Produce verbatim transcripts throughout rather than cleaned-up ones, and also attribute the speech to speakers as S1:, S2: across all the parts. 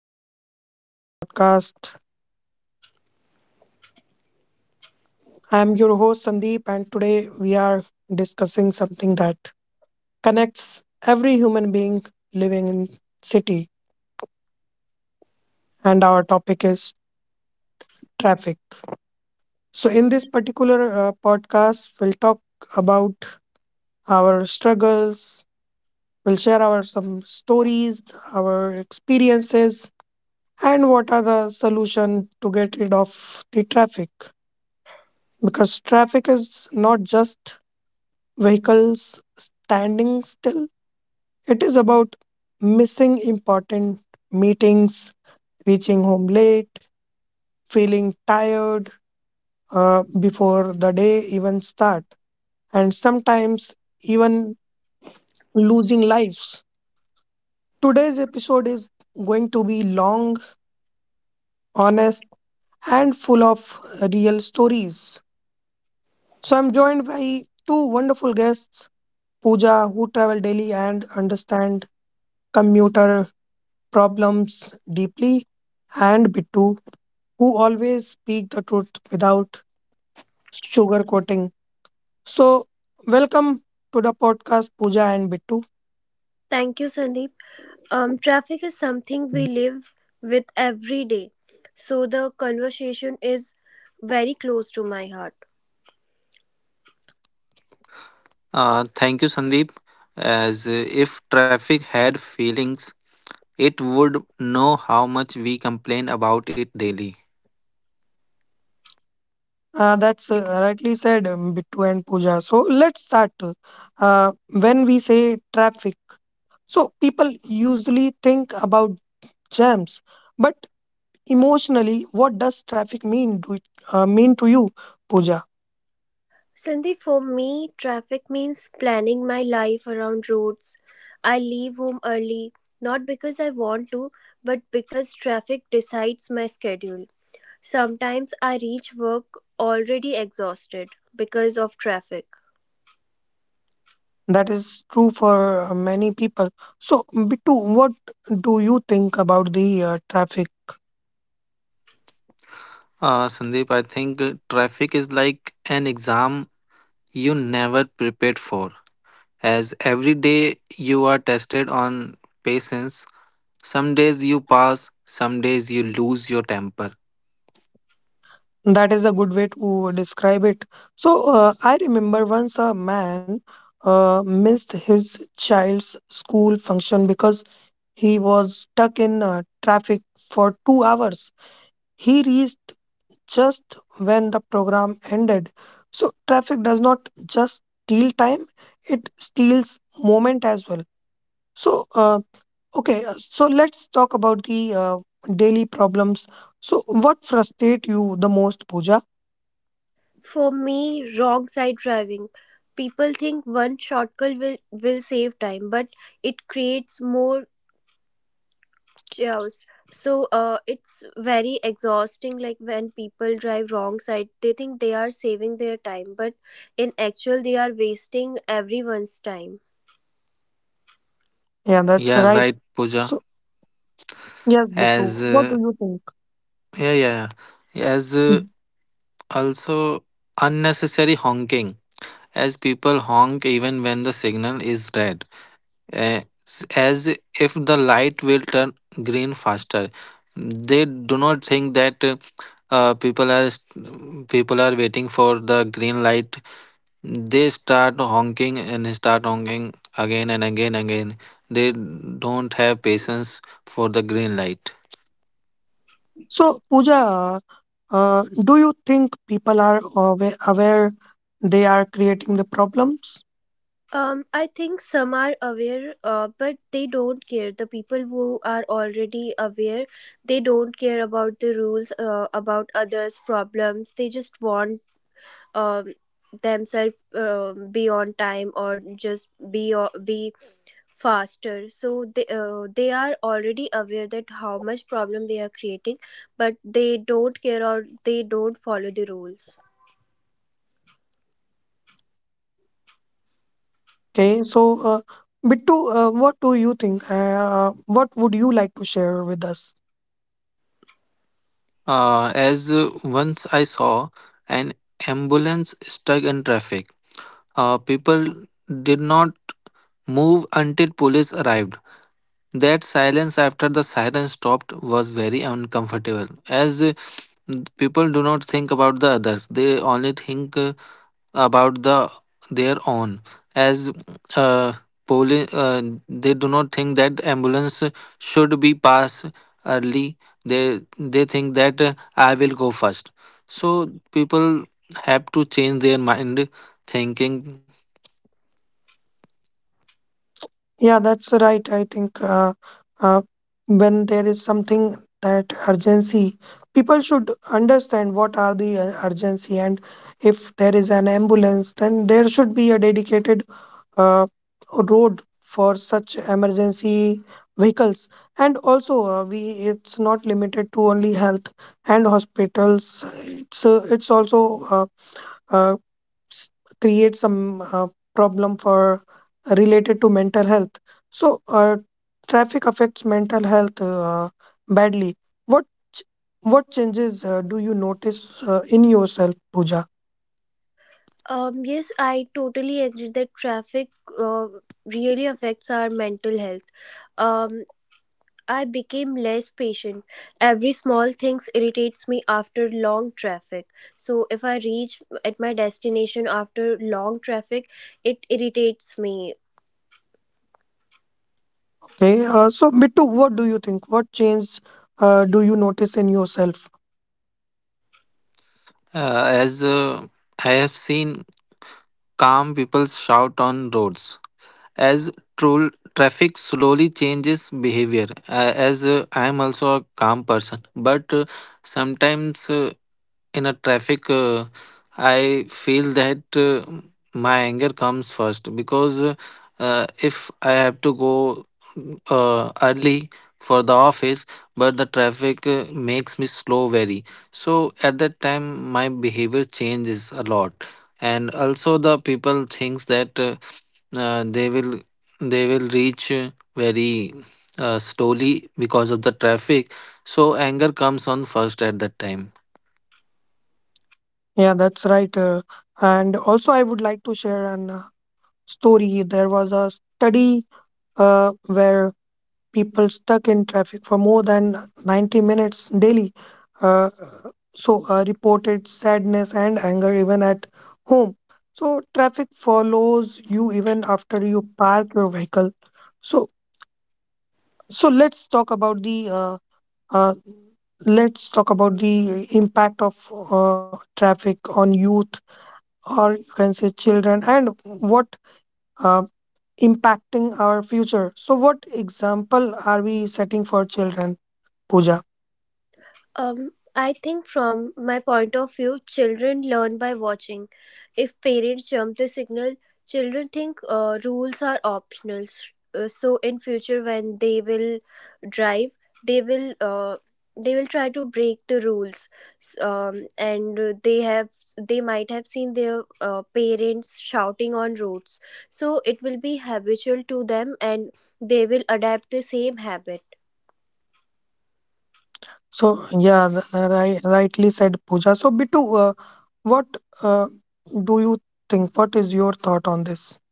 S1: back to another podcast. I am your host, Sandeep, and today we are discussing something that connects every human being living in city, and our topic is traffic. So in this particular uh, podcast, we'll talk about our struggles. We'll share our some stories, our experiences, and what are the solution to get rid of the traffic, because traffic is not just vehicles standing still. It is about missing important meetings, reaching home late, feeling tired uh, before the day even start, and sometimes even losing lives. Today's episode is going to be long, honest, and full of real stories. So I'm joined by two wonderful guests, Pooja, who travel daily and understand commuter problems deeply, and Bittu, who always speak the truth without sugarcoating. So, welcome to the podcast, Pooja and Bittu.
S2: Thank you, Sandeep. Um, traffic is something we live with every day, so the conversation is very close to my heart.
S3: Uh, thank you, Sandeep. As uh, If traffic had feelings, it would know how much we complain about it daily.
S1: Uh, that's uh, Rightly said, um, Bittu and Pooja. So, let's start. Uh, when we say traffic, so people usually think about jams, but emotionally, what does traffic mean? Do it uh, mean to you, Pooja?
S2: Sandeep, for me, traffic means planning my life around roads. I leave home early, not because I want to, but because traffic decides my schedule. Sometimes I reach work already exhausted because of traffic.
S1: That is true for uh, many people. So, Bittu, what do you think about the uh, traffic?
S3: Uh, Sandeep, I think uh, traffic is like an exam you never prepared for. As every day you are tested on patience, some days you pass, some days you lose your temper.
S1: That is a good way to describe it. So, uh, I remember once a man uh, missed his child's school function because he was stuck in uh, traffic for two hours. He reached just when the program ended. So, traffic does not just steal time, it steals moment as well. So, uh, okay, uh, so let's talk about the uh, daily problems. So, what frustrate you the most, Pooja?
S2: For me, wrong side driving. People think one shortcut will, will save time, but it creates more chaos. So uh, it's very exhausting. Like when people drive wrong side, they think they are saving their time, but in actual, they are wasting everyone's time.
S1: Yeah, that's
S3: Yeah,
S1: right.
S3: right, Pooja.
S1: So, yes, Bittu,
S3: As
S1: what do
S3: uh,
S1: you think?
S3: yeah, yeah, yeah. as uh,
S1: Mhm.
S3: Also unnecessary honking. As people honk even when the signal is red, eh, s- as if the light will turn green faster. They do not think that uh, uh, people are st- people are waiting for the green light. They start honking and start honking again and again again. They don't have patience for the green light.
S1: So, Pooja, uh, uh, do you think people are awa- aware they are creating the problems?
S2: Um, I think some are aware, uh, but they don't care. The people who are already aware, they don't care about the rules, uh, about others' problems. They just want um, themselves uh, be on time or just be o- be faster so they uh, they are already aware that how much problem they are creating, but they don't care or they don't follow the rules.
S1: Okay, so, uh, Bittu, uh, what do you think? Uh, what would you like to share with us?
S3: Uh, as uh, Once I saw an ambulance stuck in traffic. Uh, people did not move until police arrived. That silence after the siren stopped was very uncomfortable, as uh, people do not think about the others; they only think uh, about the their own. As uh, poli- uh, they do not think that ambulance should be passed early. They they think that uh, I will go first. So people have to change their mind thinking.
S1: Yeah, that's right. I think uh, uh, when there is something that urgency, people should understand what are the uh, urgency, and if there is an ambulance, then there should be a dedicated uh, road for such emergency vehicles. And also, uh, we it's not limited to only health and hospitals. It's uh, it's also uh, uh, s- create some uh, problem for uh, related to mental health. So uh, traffic affects mental health uh, badly. What ch- what changes uh, do you notice uh, in yourself, Pooja?
S2: Um yes, I totally agree that traffic uh, really affects our mental health. um I became less patient. Every small things irritates me after long traffic. So if I reach at my destination after long traffic, it irritates me.
S1: Okay, uh, so, Bittu, what do you think? What change uh, do you notice in yourself?
S3: Uh, as uh, I have seen calm people shout on roads. As trol- Traffic slowly changes behavior, uh, as uh, I am also a calm person, but uh, sometimes uh, in a traffic uh, I feel that uh, my anger comes first because uh, if I have to go uh, early for the office, but the traffic uh, makes me slow very. So at that time my behavior changes a lot, and also the people thinks that uh, uh, they will they will reach uh, very uh, slowly because of the traffic, so anger comes on first at that time.
S1: Yeah, that's right. Uh, and also, I would like to share an uh, story. There was a study uh, where people stuck in traffic for more than ninety minutes daily. Uh, so uh, reported sadness and anger even at home. So traffic follows you even after you park your vehicle. So so let's talk about the uh, uh, let's talk about the impact of uh, traffic on youth, or you can say children, and what uh, impacting our future. So, what example are we setting for children, Pooja?
S2: Um, I think from my point of view, children learn by watching. If parents jump the signal, children think uh, rules are optional. Uh, so in future, when they will drive, they will uh, they will try to break the rules. S- Um, and uh, they have they might have seen their uh, parents shouting on roads. So it will be habitual to them, and they will adapt the same habit.
S1: So, yeah, th- uh, ri- rightly said, Pooja. So, Bitu, uh, what uh, do you think? What is your thought on this?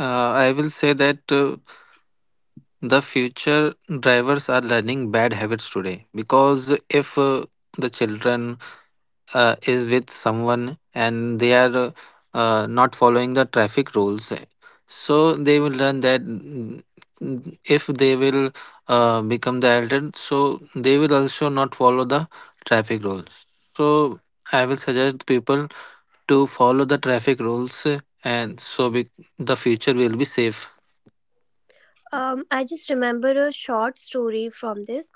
S3: Uh, I will say that uh, the future drivers are learning bad habits today, because if uh, the children uh, is with someone and they are uh, uh, not following the traffic rules, so they will learn that mm, mm, if they will uh, become the elder, so they will also not follow the traffic rules. So I will suggest people to follow the traffic rules, uh, and so be- the future will be safe.
S2: Um, I just remember a short story from this.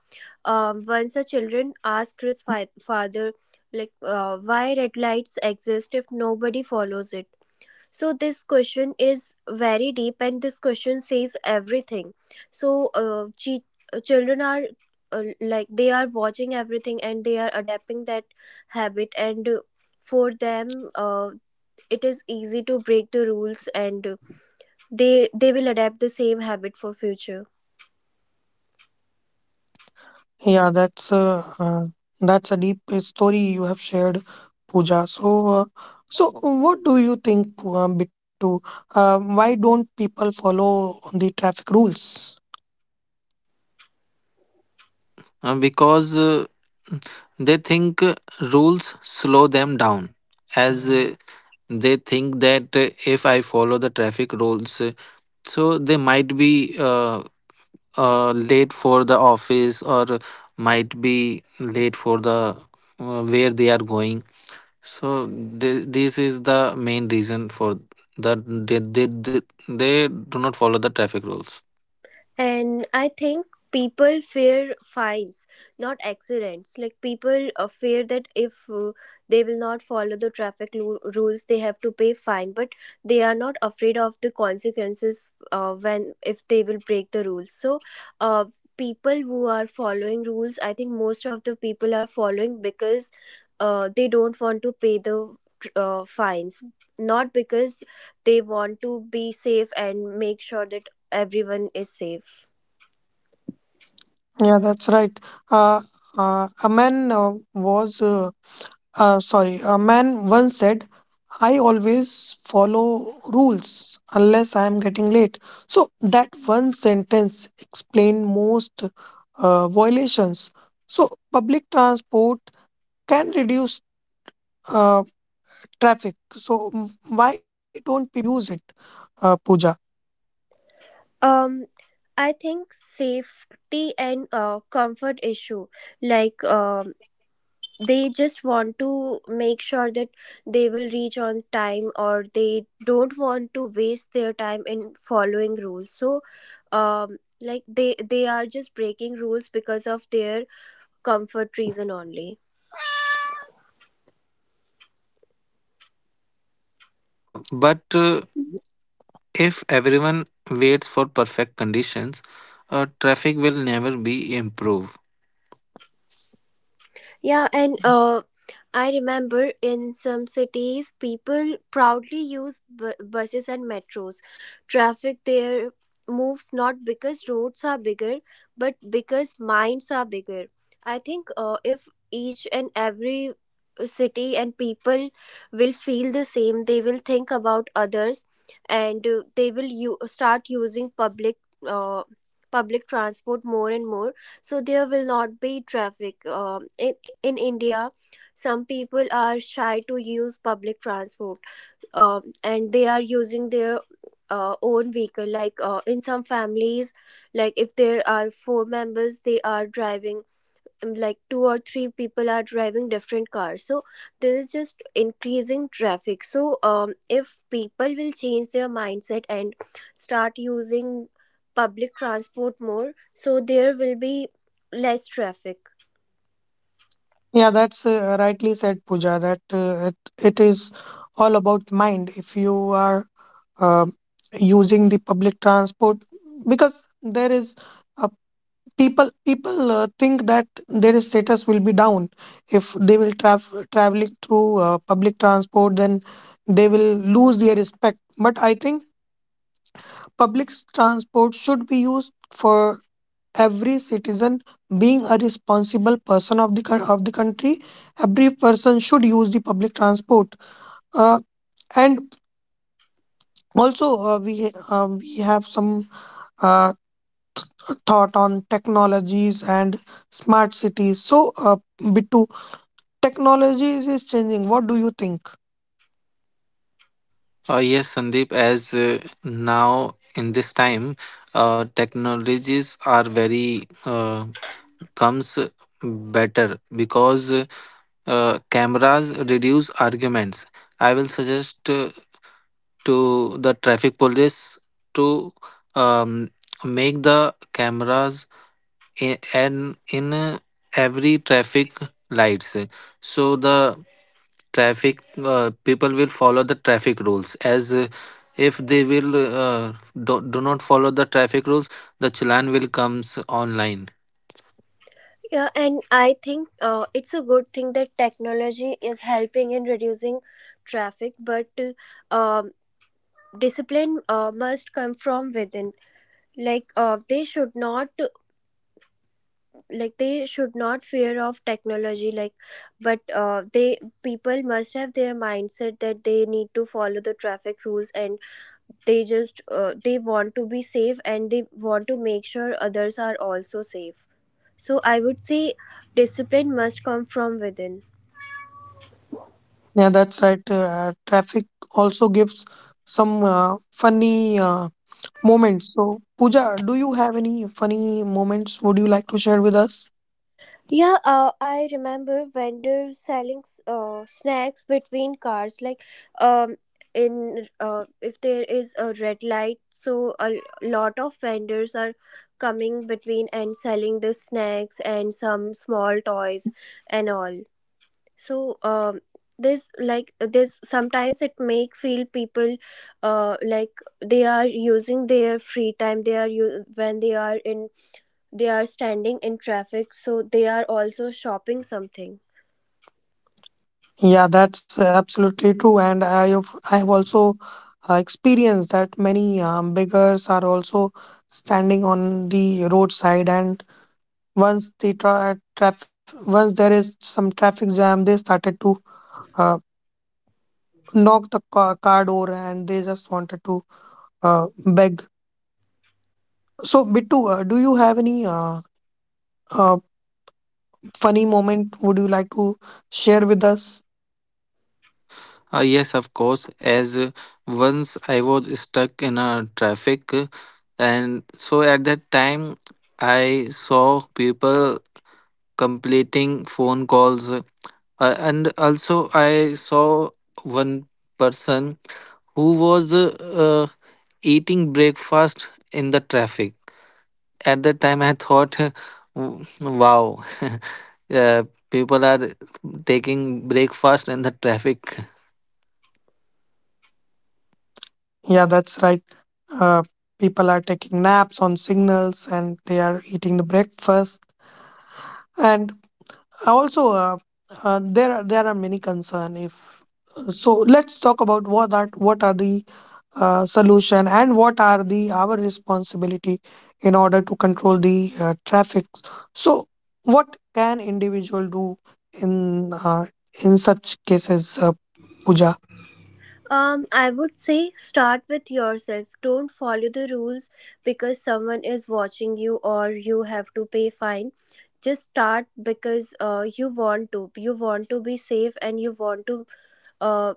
S2: Um, once a children asked his fi- father, like, uh, why red lights exist if nobody follows it. So this question is very deep, and this question says everything. So, uh, chi- uh, children are uh, like they are watching everything, and they are adapting that habit. And uh, for them, uh, it is easy to break the rules, and uh, they they will adapt the same habit for future.
S1: Yeah, that's uh, uh, that's a deep uh, story you have shared, Pooja. So, uh, so what do you think, Poo- uh, Bitu? Uh, why don't people follow the traffic rules?
S3: Uh, uh, because uh, they think uh, rules slow them down, as Mm. uh, they think that uh, if I follow the traffic rules, uh, so they might be uh, uh, late for the office or might be late for the uh, where they are going. So th- this is the main reason for that they, they, they, they do not follow the traffic rules.
S2: And I think people fear fines, not accidents. Like people uh, fear that if uh, they will not follow the traffic lu- rules, they have to pay fine. But they are not afraid of the consequences uh, when if they will break the rules. So, uh, people who are following rules, I think most of the people are following because uh, they don't want to pay the uh, fines, not because they want to be safe and make sure that everyone is safe.
S1: Yeah, that's right. Uh, uh, a man uh, was. Uh, Uh, sorry, a man once said, "I always follow rules unless I am getting late." So, that one sentence explained most uh, violations. So, public transport can reduce uh, traffic. So, m- why don't people use it, uh, Pooja?
S2: Um, I think safety and uh, comfort issue, like um, they just want to make sure that they will reach on time or they don't want to waste their time in following rules. So, um, like they they are just breaking rules because of their comfort reason only.
S3: Uh, but uh, if everyone waits for perfect conditions, uh, traffic will never be improved.
S2: Yeah, and uh, I remember in some cities, people proudly use bu- buses and metros. Traffic there moves not because roads are bigger, but because minds are bigger. I think uh, if each and every city and people will feel the same, they will think about others, and uh, they will u- start using public. Uh, public transport more and more, so there will not be traffic um, in in India. Some people are shy to use public transport, um, and they are using their uh, own vehicle. Like uh, in some families, like if there are four members, they are driving. Um, Like two or three people are driving different cars, so this is just increasing traffic. So, um, if people will change their mindset and start using public transport more, so there will be less traffic.
S1: Yeah, that's uh, rightly said, Pooja, that uh, it, it is all about mind. If you are uh, using the public transport, because there is a people people uh, think that their status will be down if they will travel traveling through uh, public transport, then they will lose their respect. But I think public transport should be used for every citizen. Being a responsible person of the coun- of the country every person should use the public transport. Uh, and also, uh, we ha- um, we have some uh, thought on technologies and smart cities. So, uh, Bittu, technology is is changing. What do you think?
S3: Uh, yes, Sandeep, as uh, now in this time, uh, technologies are very uh, comes better because uh, cameras reduce arguments. I will suggest uh, to the traffic police to um, make the cameras i- and in uh, every traffic lights, so the traffic uh, people will follow the traffic rules. As uh, if they will uh, do, do not follow the traffic rules, the challan will comes online.
S2: Yeah, and I think uh, it's a good thing that technology is helping in reducing traffic, but uh, um, discipline uh, must come from within. Like uh, they should not like they should not fear of technology. Like, but uh, they people must have their mindset that they need to follow the traffic rules, and they just uh, they want to be safe and they want to make sure others are also safe. So I would say discipline must come from within.
S1: Yeah, that's right. Uh, traffic also gives some uh, funny uh, moments. So, Pooja, do you have any funny moments would you like to share with us?
S2: Yeah, uh, I remember vendors selling s- uh, snacks between cars. Like, um, in uh, if there is a red light, so a lot of vendors are coming between and selling the snacks and some small toys and all. So, um, this like this sometimes it make feel people, uh, like they are using their free time. They are u- when they are in, they are standing in traffic, so they are also shopping something.
S1: Yeah, that's absolutely true. And I have, I have also uh, experienced that many um, beggars are also standing on the roadside. And once the tra traf once there is some traffic jam, they started to uh, knock the car, car door, and they just wanted to uh, beg. So, Bittu, uh, do you have any uh, uh, funny moment would you like to share with us?
S3: Uh, yes, of course. As uh, once I was stuck in a traffic, uh, and so at that time I saw people completing phone calls. Uh, and also, I saw one person who was uh, uh, eating breakfast in the traffic. At that time, I thought, "W- Wow, uh, people are taking breakfast in the traffic."
S1: Yeah, that's right. Uh, people are taking naps on signals, and they are eating the breakfast. And also, uh, uh, there are, there are many concern. If So let's talk about what are what are the uh, solution and what are the our responsibility in order to control the uh, traffic. So what can individual do in uh, in such cases, uh, Puja?
S2: um I would say start with yourself. Don't follow the rules because someone is watching you or you have to pay fine. Just start because uh, you want to, you want to be safe, and you want to uh,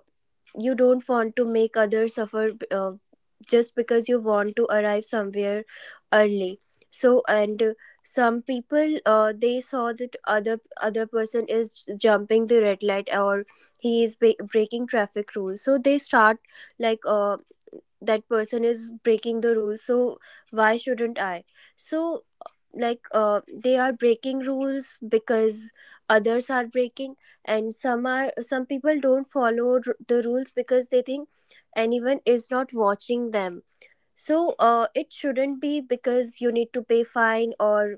S2: you don't want to make others suffer b- uh, just because you want to arrive somewhere early. So and uh, some people uh, they saw that other other person is j- jumping the red light or he is ba- breaking traffic rules, so they start like uh, that person is breaking the rules, so why shouldn't I? So like uh, they are breaking rules because others are breaking, and some are some people don't follow r- the rules because they think anyone is not watching them. So uh, it shouldn't be because you need to pay fine or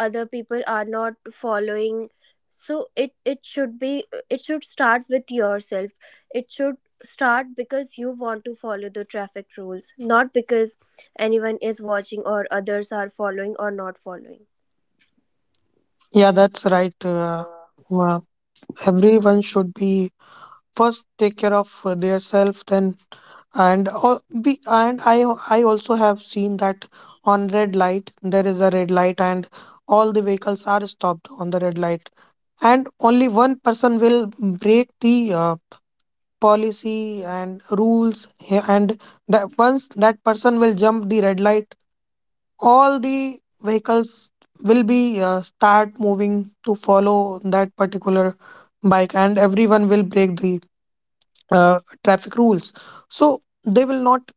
S2: other people are not following. So it it should be, it should start with yourself. It should start because you want to follow the traffic rules, not because anyone is watching or others are following or not following.
S1: Yeah, that's right. Uh, uh, everyone should be first take care of uh, their self. Then and uh, be and i i also have seen that on red light there is a red light and all the vehicles are stopped on the red light, and only one person will break the uh, policy and rules. He- and that once that person will jump the red light, all the vehicles will be uh, start moving to follow that particular bike, and everyone will break the uh, traffic rules. So they will not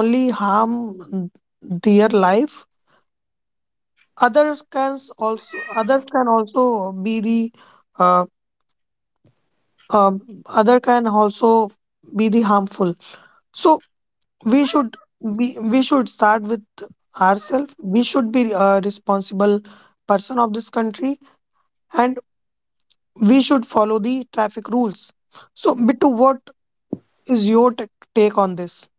S1: only harm their life, others can also others can also be the uh, um, other can also be the harmful. So, we should be we should start with ourselves. We should be a responsible person of this country, and we should follow the traffic rules. So, Bitu, what is your t- take on this?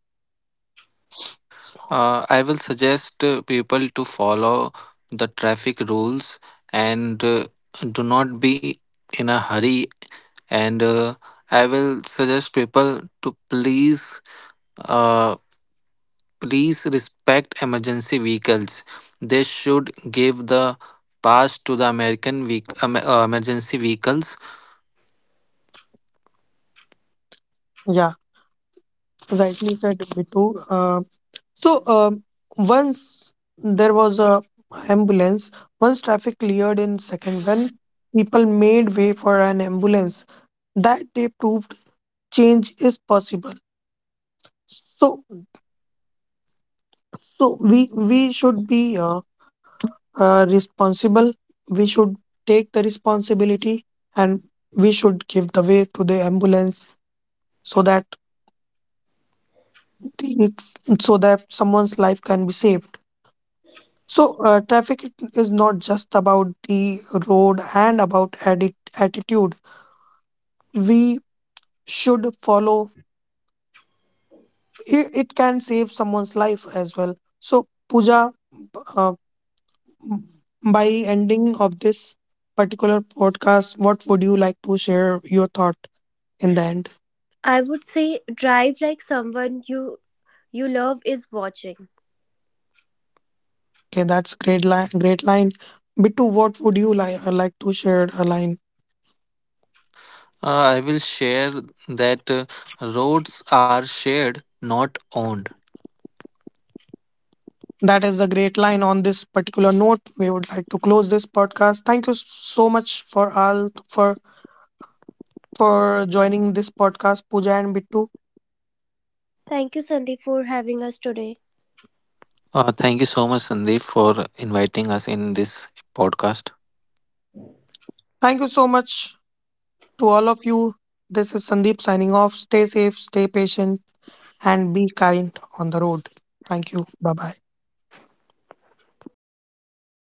S3: Uh, I will suggest uh, people to follow the traffic rules and uh, do not be in a hurry, and uh, I will suggest people to please uh, please respect emergency vehicles. They should give the pass to the American vehic- um, uh, emergency vehicles.
S1: Yeah, rightly said, Bitu. uh, so um, Once there was a ambulance once traffic cleared in second when people made way for an ambulance. That day proved change is possible. So, so we we should be uh, uh, responsible. We should take the responsibility, and we should give the way to the ambulance so that the, so that someone's life can be saved. So, uh, traffic is not just about the road and about atti- attitude. We should follow. It, it can save someone's life as well. So, Pooja, by ending of this particular podcast, what would you like to share your thought in the end?
S2: I would say drive like someone you you love is watching.
S1: Okay, that's great line. Great line. Bittu, what would you like like to share a line?
S3: Uh, I will share that uh, roads are shared, not owned.
S1: That is the great line. On this particular note, we would like to close this podcast. Thank you so much for all for for joining this podcast, Pooja and Bittu.
S2: Thank you, Sandy, for having us today.
S3: Uh, thank you so much, Sandeep, for inviting us in this podcast.
S1: Thank you so much to all of you. This is Sandeep signing off. Stay safe, stay patient, and be kind on the road. Thank you. Bye bye.